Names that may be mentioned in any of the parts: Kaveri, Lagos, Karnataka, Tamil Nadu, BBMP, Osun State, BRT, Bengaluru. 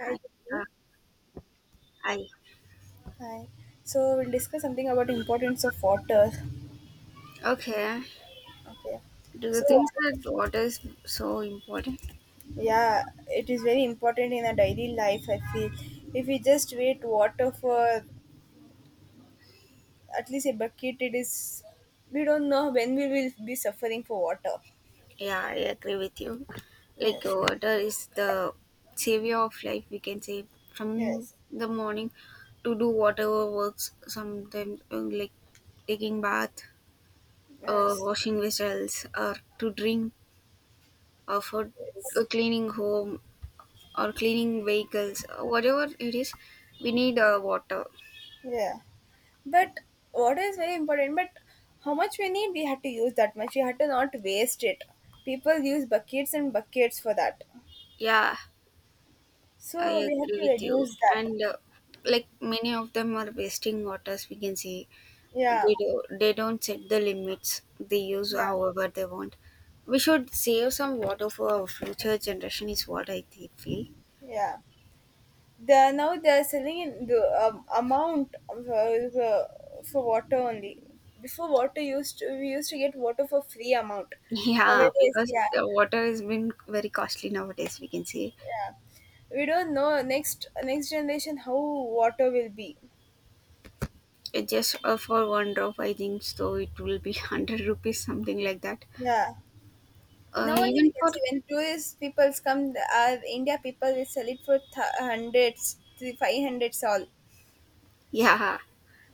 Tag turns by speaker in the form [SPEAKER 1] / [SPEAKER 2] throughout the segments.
[SPEAKER 1] Hi,
[SPEAKER 2] Hi.
[SPEAKER 1] Jyoti.
[SPEAKER 2] Uh, hi.
[SPEAKER 1] Hi. So we'll discuss something about importance of water.
[SPEAKER 2] Okay.
[SPEAKER 1] Okay.
[SPEAKER 2] Do you
[SPEAKER 1] So
[SPEAKER 2] think
[SPEAKER 1] water,
[SPEAKER 2] that water is so important?
[SPEAKER 1] yeah, it is very important in our daily life. I feel if we just wait water for at least a bucket, it is we don't know when we will be suffering for water.
[SPEAKER 2] Yeah, I agree with you. Like
[SPEAKER 1] Yes.
[SPEAKER 2] water is the savior of life. We can say from
[SPEAKER 1] Yes.
[SPEAKER 2] the morning to do whatever works. Sometimes like taking bath,
[SPEAKER 1] Yes.
[SPEAKER 2] washing vessels, or to drink, or for
[SPEAKER 1] Yes.
[SPEAKER 2] cleaning home or cleaning vehicles, whatever it is, we need water.
[SPEAKER 1] Yeah. But water is very important. But how much we need, we had to use that much. We had to not waste it. People use buckets and buckets for that.
[SPEAKER 2] Yeah, I
[SPEAKER 1] So we have
[SPEAKER 2] agree
[SPEAKER 1] to
[SPEAKER 2] with you.
[SPEAKER 1] reduce that.
[SPEAKER 2] And like many of them are wasting waters, we can see
[SPEAKER 1] Yeah,
[SPEAKER 2] they don't set the limits. They use
[SPEAKER 1] yeah,
[SPEAKER 2] however they want. We should save some water for our future generation. Is what I feel.
[SPEAKER 1] yeah. They now they are selling in the amount of, for water only. Before water we used to get water for free amount.
[SPEAKER 2] Yeah,
[SPEAKER 1] Nowadays,
[SPEAKER 2] because
[SPEAKER 1] yeah,
[SPEAKER 2] the water has been very costly nowadays. We can see
[SPEAKER 1] yeah. We don't know next generation how water will be.
[SPEAKER 2] it just for one drop. I think so. It will be 100 rupees, something like that.
[SPEAKER 1] Yeah. Now only we
[SPEAKER 2] Even
[SPEAKER 1] can
[SPEAKER 2] for,
[SPEAKER 1] see when tourist peoples come, our India people will sell it for hundreds, three, five hundreds all.
[SPEAKER 2] yeah,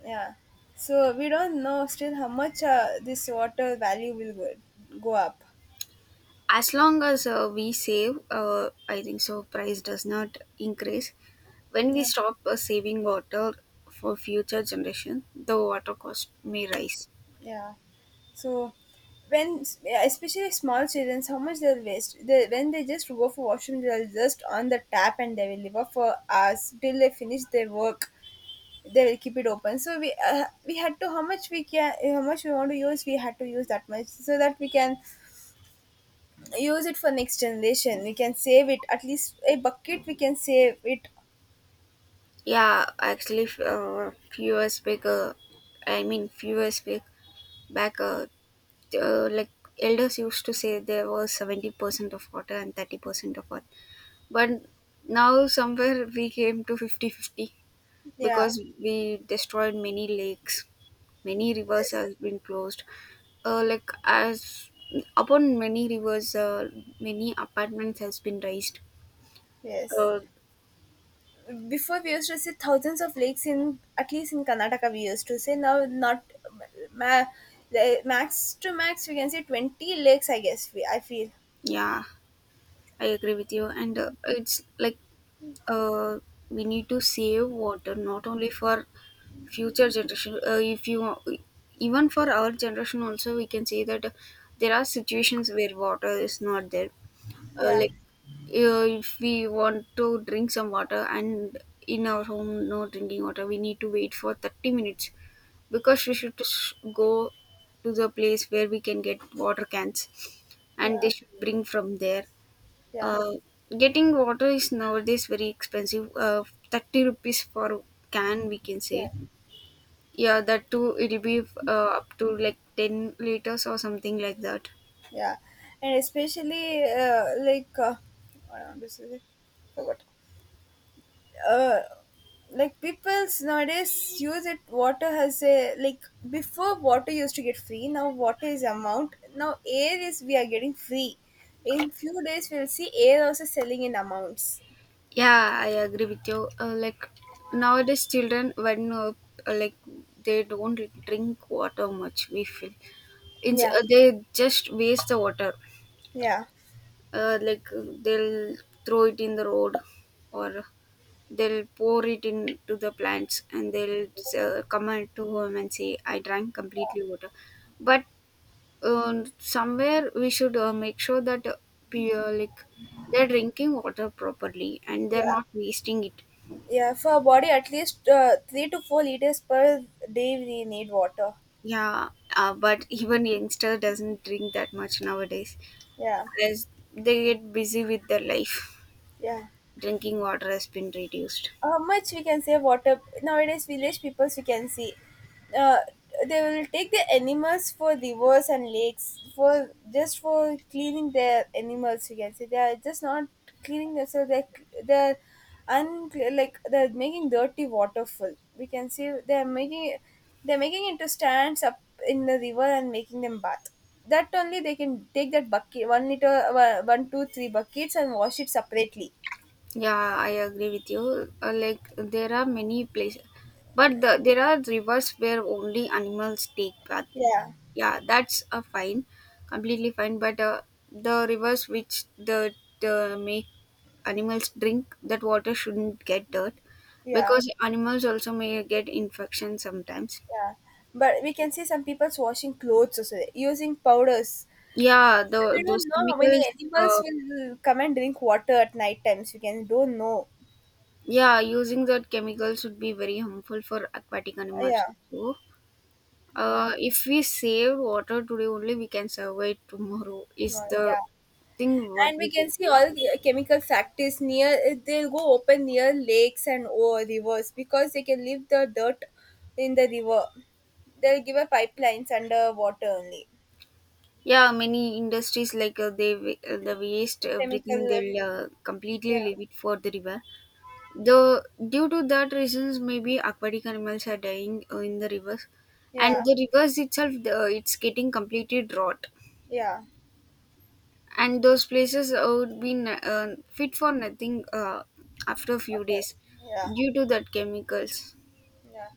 [SPEAKER 1] Yeah. So we don't know still how much this water value will go up.
[SPEAKER 2] as long as we save, I think so price does not increase. When we
[SPEAKER 1] Yeah.
[SPEAKER 2] stop saving water for future generation, the water cost may rise.
[SPEAKER 1] Yeah. So when, yeah, especially small children, how much they'll waste. They, when they just go for washroom, they'll just on the tap and they will live up for hours till they finish their work. They will keep it open. So we had to how much we want to use. We had to use that much so that we can use it for next generation. We can save it at least a bucket. We can save it.
[SPEAKER 2] Yeah, actually few years back, I mean few years back, like elders used to say there was 70% of water and 30% of earth, but now somewhere we came to 50 fifty,
[SPEAKER 1] Yeah.
[SPEAKER 2] because we destroyed many lakes, many rivers
[SPEAKER 1] Yes.
[SPEAKER 2] has been closed. Like as upon many rivers, many apartments has been raised.
[SPEAKER 1] Yes.
[SPEAKER 2] uh,
[SPEAKER 1] Before we used to see thousands of lakes in at least in Karnataka we used to say now not ma- the max to max we can say 20 lakes I guess we I feel
[SPEAKER 2] yeah, I agree with you, and it's like uh, we need to save water not only for future generation. If you Even for our generation also we can say that there are situations where water is not there.
[SPEAKER 1] Yeah,
[SPEAKER 2] Like if we want to drink some water and in our home no drinking water, we need to wait for 30 minutes, because we go to the place where we can get water cans and they
[SPEAKER 1] yeah,
[SPEAKER 2] should bring from there.
[SPEAKER 1] yeah,
[SPEAKER 2] uh, Getting water is nowadays very expensive. 30 rupees for can, we can
[SPEAKER 1] yeah,
[SPEAKER 2] say. Yeah, that too it'll be up to like 10 liters or something like that.
[SPEAKER 1] yeah. And especially what I want to say forgot, uh, like people's nowadays use it water has a like before water used to get free now water is amount now air is we are getting free in few days we'll see air also selling in amounts.
[SPEAKER 2] Yeah, I agree with you. Like nowadays, children when like they don't drink water much. We feel
[SPEAKER 1] Yeah,
[SPEAKER 2] they just waste the water.
[SPEAKER 1] yeah,
[SPEAKER 2] Like they'll throw it in the road, or they'll pour it into the plants, and they'll come out to home and say, "I drank completely water." But somewhere we should make sure that like they're drinking water properly and they're
[SPEAKER 1] yeah,
[SPEAKER 2] not wasting it.
[SPEAKER 1] yeah. For our body at least 3 to 4 liters per day we need water.
[SPEAKER 2] Yeah, but even youngster doesn't drink that much nowadays
[SPEAKER 1] Yeah,
[SPEAKER 2] as they get busy with their life.
[SPEAKER 1] yeah.
[SPEAKER 2] Drinking water has been reduced.
[SPEAKER 1] How much we can say water nowadays village peoples we can see, uh, they will take the animals for rivers and lakes for just for cleaning their animals. We can say they are just not cleaning themselves, they're like they're making dirty water full we can see they're making into stands up in the river and making them bath. That only they can take that bucket 1 liter 1, 2, 3 buckets and wash it separately.
[SPEAKER 2] Yeah, I agree with you. Like there are many places, but there are rivers where only animals take bath.
[SPEAKER 1] Yeah,
[SPEAKER 2] Yeah, completely fine. But the rivers which the make animals drink that water shouldn't get dirt,
[SPEAKER 1] yeah.
[SPEAKER 2] because animals also may get infection sometimes.
[SPEAKER 1] Yeah, but we can see some people's washing clothes also, using powders.
[SPEAKER 2] Yeah,
[SPEAKER 1] We
[SPEAKER 2] the those
[SPEAKER 1] don't know how many
[SPEAKER 2] chemicals.
[SPEAKER 1] animals
[SPEAKER 2] Uh,
[SPEAKER 1] will come and drink water at night times. We can don't know.
[SPEAKER 2] yeah, using that chemicals would be very harmful for aquatic
[SPEAKER 1] Yeah,
[SPEAKER 2] animals also.
[SPEAKER 1] yeah,
[SPEAKER 2] If we save water today only, we can survive tomorrow. Is
[SPEAKER 1] no,
[SPEAKER 2] the
[SPEAKER 1] yeah.
[SPEAKER 2] thing what
[SPEAKER 1] And
[SPEAKER 2] we
[SPEAKER 1] we
[SPEAKER 2] can
[SPEAKER 1] can see
[SPEAKER 2] do?
[SPEAKER 1] all the chemical factories near. They'll go open near lakes and or rivers because they can leave the dirt in the river. They'll give a pipelines under water only.
[SPEAKER 2] Yeah, many industries like the waste everything,
[SPEAKER 1] Chemical,
[SPEAKER 2] they'll completely
[SPEAKER 1] yeah,
[SPEAKER 2] leave it for the river. The due to that reasons maybe aquatic animals are dying in the rivers, and
[SPEAKER 1] yeah,
[SPEAKER 2] the rivers itself it's getting completely drought,
[SPEAKER 1] yeah,
[SPEAKER 2] and those places would be fit for nothing after a few
[SPEAKER 1] okay,
[SPEAKER 2] days
[SPEAKER 1] yeah,
[SPEAKER 2] due to that chemicals.
[SPEAKER 1] yeah.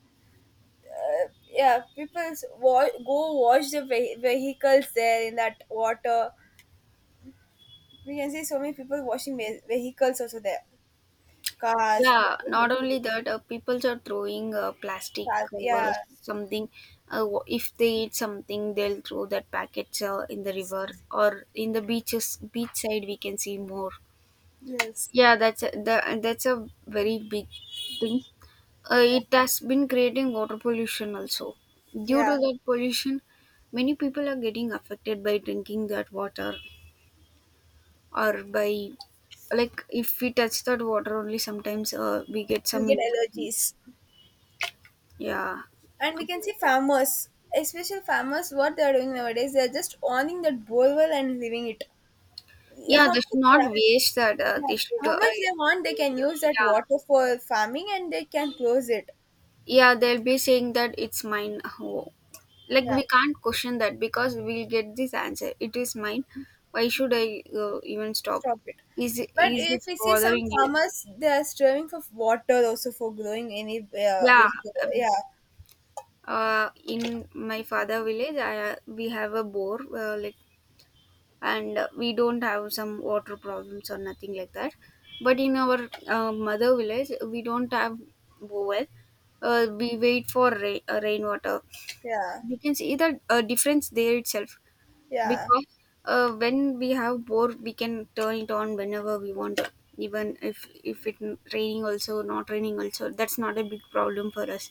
[SPEAKER 1] uh, yeah, people go wash the vehicles there in that water. We can see so many people washing vehicles also there, cars,
[SPEAKER 2] Yeah, not only
[SPEAKER 1] motorcycles,
[SPEAKER 2] that, people are throwing plastic
[SPEAKER 1] cars, yeah.
[SPEAKER 2] covers something. If they eat something they'll throw that packets in the river or in the beaches, beach side we can see more.
[SPEAKER 1] Yes,
[SPEAKER 2] Yeah, that's a very big thing.
[SPEAKER 1] yeah,
[SPEAKER 2] It has been creating water pollution also. Due to
[SPEAKER 1] yeah.
[SPEAKER 2] that pollution, many people are getting affected by drinking that water, or by, like, if we touch that water only, sometimes we get
[SPEAKER 1] You
[SPEAKER 2] some
[SPEAKER 1] get
[SPEAKER 2] infections.
[SPEAKER 1] allergies.
[SPEAKER 2] Yeah,
[SPEAKER 1] And we can see farmers, especially farmers what they are doing nowadays they are just owning that borewell and leaving it.
[SPEAKER 2] yeah,
[SPEAKER 1] How much,
[SPEAKER 2] they should not
[SPEAKER 1] yeah,
[SPEAKER 2] waste that.
[SPEAKER 1] yeah.
[SPEAKER 2] They should,
[SPEAKER 1] How much they want they can use that
[SPEAKER 2] yeah,
[SPEAKER 1] water for farming and they can close it.
[SPEAKER 2] yeah, they'll be saying that it's mine, oh. Like
[SPEAKER 1] Yeah,
[SPEAKER 2] we can't question that, because we'll get this answer, it is mine. Why should I even stop?
[SPEAKER 1] stop it. But
[SPEAKER 2] Is it
[SPEAKER 1] if we see some
[SPEAKER 2] bothering you?
[SPEAKER 1] farmers, they are striving for water also for growing any
[SPEAKER 2] Yeah,
[SPEAKER 1] vegetable.
[SPEAKER 2] um,
[SPEAKER 1] Yeah,
[SPEAKER 2] in my father village, we have a bore like, and we don't have some water problems or nothing like that. But in our mother village we don't have well. We wait for rainwater.
[SPEAKER 1] yeah,
[SPEAKER 2] You can see the difference there itself,
[SPEAKER 1] yeah,
[SPEAKER 2] because when we have bore, we can turn it on whenever we want. Even if it raining also, not raining also, that's not a big problem for us.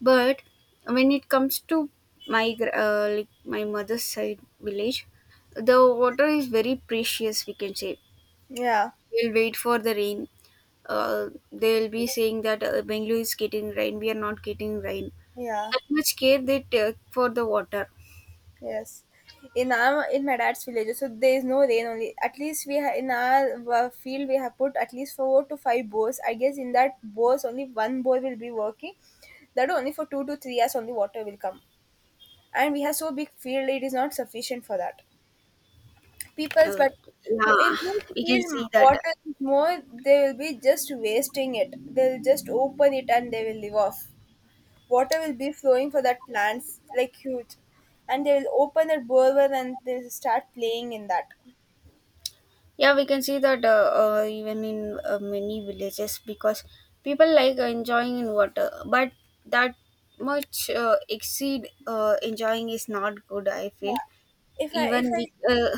[SPEAKER 2] But when it comes to like my mother's side village, the water is very precious, we can say.
[SPEAKER 1] yeah,
[SPEAKER 2] We'll wait for the rain. They'll be saying that Bengaluru is getting rain, we are not getting rain.
[SPEAKER 1] yeah.
[SPEAKER 2] That much care they take for the water.
[SPEAKER 1] Yes, in our in my dad's village, so there is no rain only. At least in our field we have put at least 4 to 5 bores. I guess in that bores only one bore will be working. That only for 2 to 3 hours only water will come, and we have so big field it is not sufficient for that. Peoples
[SPEAKER 2] uh,
[SPEAKER 1] but who in
[SPEAKER 2] yeah,
[SPEAKER 1] whose
[SPEAKER 2] we can
[SPEAKER 1] field
[SPEAKER 2] see that.
[SPEAKER 1] water is more they will be just wasting it they'll just open it and they will live off. Water will be flowing for that plants like huge and they will open that borewell and they'll start playing in that.
[SPEAKER 2] Yeah, we can see that even in many villages, because people like enjoying in water, but that much exceed enjoying is not good, I
[SPEAKER 1] Yeah.
[SPEAKER 2] feel.
[SPEAKER 1] if i if
[SPEAKER 2] Even we
[SPEAKER 1] i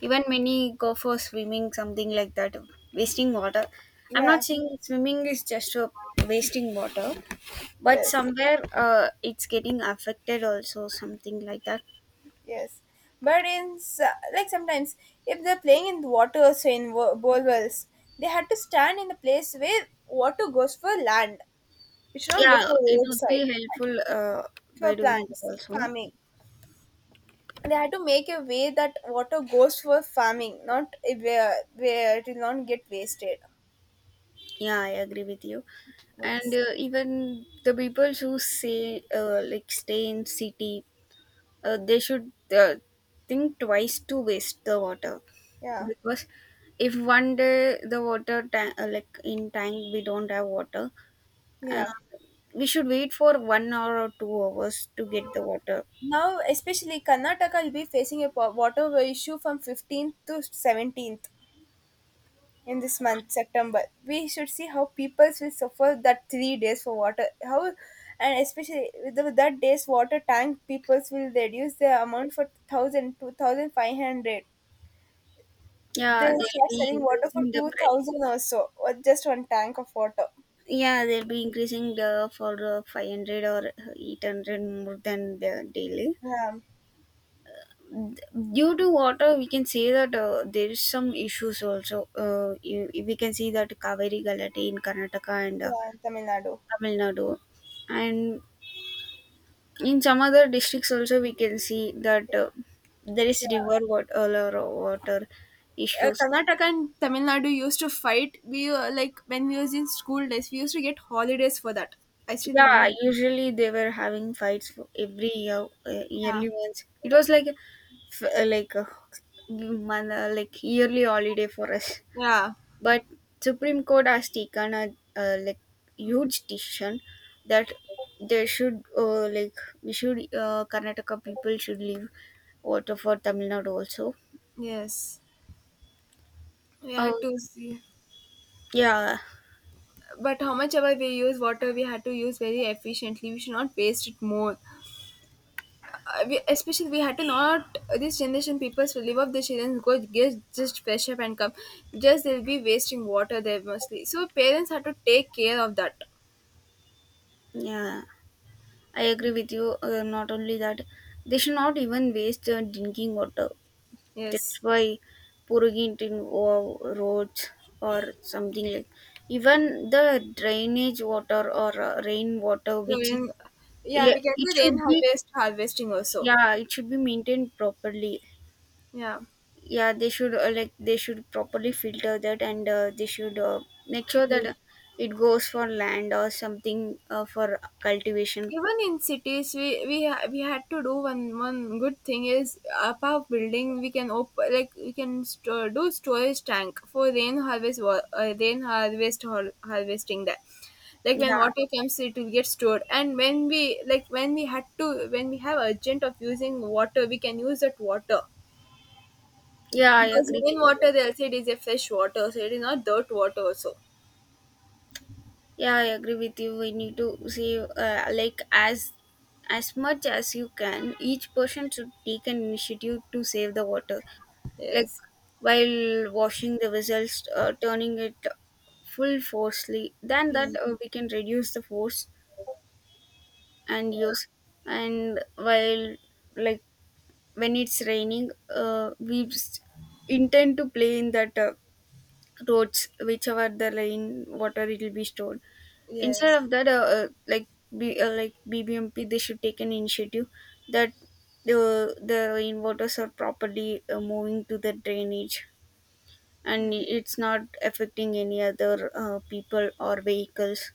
[SPEAKER 2] even many go for swimming, something like that, wasting water. I'm not
[SPEAKER 1] Yeah,
[SPEAKER 2] saying swimming is just wasting water, but
[SPEAKER 1] yes,
[SPEAKER 2] somewhere it's getting affected also, something like that.
[SPEAKER 1] yes. But like sometimes if they're playing in the water so in borewells they had to stand in the place where water goes for land. It should not go
[SPEAKER 2] Yeah,
[SPEAKER 1] for
[SPEAKER 2] it would
[SPEAKER 1] roadside
[SPEAKER 2] be helpful
[SPEAKER 1] for
[SPEAKER 2] by doing that
[SPEAKER 1] plants,
[SPEAKER 2] also.
[SPEAKER 1] farming. They had to make a way that water goes for farming, not a where it will not get wasted.
[SPEAKER 2] Yeah, I agree with you. And
[SPEAKER 1] Yes.
[SPEAKER 2] even the people who say like stay in city, they should think twice to waste the water,
[SPEAKER 1] Yeah.
[SPEAKER 2] because if one day the water tank, like in tank we don't have water, uh,
[SPEAKER 1] Yeah.
[SPEAKER 2] we should wait for 1 hour or 2 hours to get the water.
[SPEAKER 1] Now, especially Karnataka will be facing a water issue from 15th to 17th, in this month September. We should see how people will suffer that 3 days for water how, and especially with that day's water tank people will reduce the amount for thousand 2,500. They
[SPEAKER 2] Yeah, they'll
[SPEAKER 1] start
[SPEAKER 2] be
[SPEAKER 1] selling water for
[SPEAKER 2] increasing the price.
[SPEAKER 1] 2000 or so or just one tank of water.
[SPEAKER 2] Yeah, they'll be increasing the for 500 or 800 more than the daily.
[SPEAKER 1] Yeah,
[SPEAKER 2] Due to water we can say that there is some issues also. We can see that Kaveri Galati in Karnataka and
[SPEAKER 1] yeah, in Tamil Nadu,
[SPEAKER 2] Tamil Nadu, and in some other districts also we can see that there is
[SPEAKER 1] yeah.
[SPEAKER 2] river water issues.
[SPEAKER 1] Karnataka and Tamil Nadu used to fight. We, like when we was in school days, we used to get holidays for that. I still
[SPEAKER 2] Yeah,
[SPEAKER 1] remember.
[SPEAKER 2] usually they were having fights for every year,
[SPEAKER 1] Yeah,
[SPEAKER 2] yearly once. It was like like a month, like yearly holiday for us.
[SPEAKER 1] yeah,
[SPEAKER 2] But Supreme Court has taken a, uh like huge decision that they should like we should, Karnataka people should leave water for Tamil Nadu also.
[SPEAKER 1] yes. We had
[SPEAKER 2] Oh,
[SPEAKER 1] to see.
[SPEAKER 2] yeah.
[SPEAKER 1] But how much ever we use water, we had to use very efficiently. We should not waste it more. We, especially, we had to not. This generation people will live up the children go get just fresh up and come. Just they'll be wasting water there mostly. So parents have to take care of that.
[SPEAKER 2] Yeah, I agree with you. Not only that, they should not even waste drinking water. That's
[SPEAKER 1] Yes.
[SPEAKER 2] why pouring it in roads, or something like, even the drainage water or rain water
[SPEAKER 1] So
[SPEAKER 2] which is,
[SPEAKER 1] in, yeah, we
[SPEAKER 2] yeah,
[SPEAKER 1] can
[SPEAKER 2] it
[SPEAKER 1] do
[SPEAKER 2] should
[SPEAKER 1] rain
[SPEAKER 2] be,
[SPEAKER 1] harvest harvesting also.
[SPEAKER 2] yeah, it should be maintained properly.
[SPEAKER 1] Yeah.
[SPEAKER 2] Yeah, they should, like they should properly filter that, and they should make sure that
[SPEAKER 1] Use.
[SPEAKER 2] it goes for land or something for cultivation.
[SPEAKER 1] Even in cities, we had to do one good thing is above building we can open like we can store, do storage tank for rain harvesting that like when
[SPEAKER 2] Yeah,
[SPEAKER 1] water comes it will get stored and when we like when we had to when we have urgent of using water we can use that water.
[SPEAKER 2] yeah, I
[SPEAKER 1] Because
[SPEAKER 2] agree with you.
[SPEAKER 1] rainwater they say it is a fresh water so it is not dirt water also.
[SPEAKER 2] Yeah, I agree with you. We need to save, like, as much as you can. Each person should take an initiative to save the water. Like
[SPEAKER 1] Yes,
[SPEAKER 2] while washing the vessels, turning it full forcefully, then
[SPEAKER 1] yeah.
[SPEAKER 2] that, we can reduce the force and use. And while, like, when it's raining, intend to play in that, roads whichever the rain water, it will be stored. Instead
[SPEAKER 1] Yes,
[SPEAKER 2] of that, like, BBMP they should take an initiative, that the rain waters are properly moving to the drainage and it's not affecting any other people or vehicles,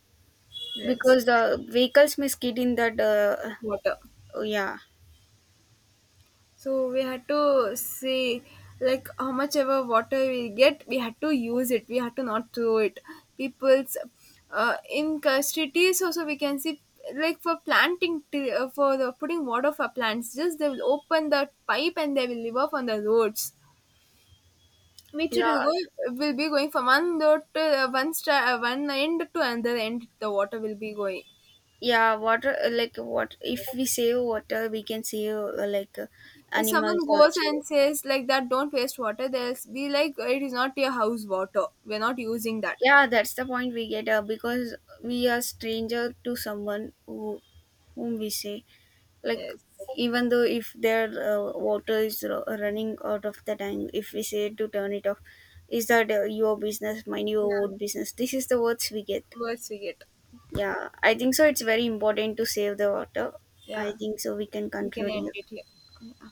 [SPEAKER 1] yes.
[SPEAKER 2] because the vehicles may skid in that.
[SPEAKER 1] Water.
[SPEAKER 2] Oh, yeah.
[SPEAKER 1] So we had to see like how much ever water we get, we had to use it. We had to not throw it. People's, in cities also we can see like for planting for the putting water for plants. Just they will open the pipe and they will live off on the roads. Which it
[SPEAKER 2] Yeah,
[SPEAKER 1] will go will be going from one road to one end to another end. The water will be going.
[SPEAKER 2] yeah, water, like, what if we save water, we can save, like,
[SPEAKER 1] If someone
[SPEAKER 2] animals
[SPEAKER 1] goes
[SPEAKER 2] also.
[SPEAKER 1] and says like that don't waste water they'll be like it is not your house water we're not using that.
[SPEAKER 2] Yeah, that's the point we get, because we are stranger to someone whom we say, like,
[SPEAKER 1] Yes,
[SPEAKER 2] even though if their water is running out of the tank, if we say to turn it off, is that your business, mind your
[SPEAKER 1] yeah,
[SPEAKER 2] own business, this is the words we get.
[SPEAKER 1] words we get.
[SPEAKER 2] Yeah, I think so it's very important to save the water.
[SPEAKER 1] Yeah,
[SPEAKER 2] I think so we can
[SPEAKER 1] we can
[SPEAKER 2] conclude
[SPEAKER 1] end
[SPEAKER 2] here.
[SPEAKER 1] it here. Yeah.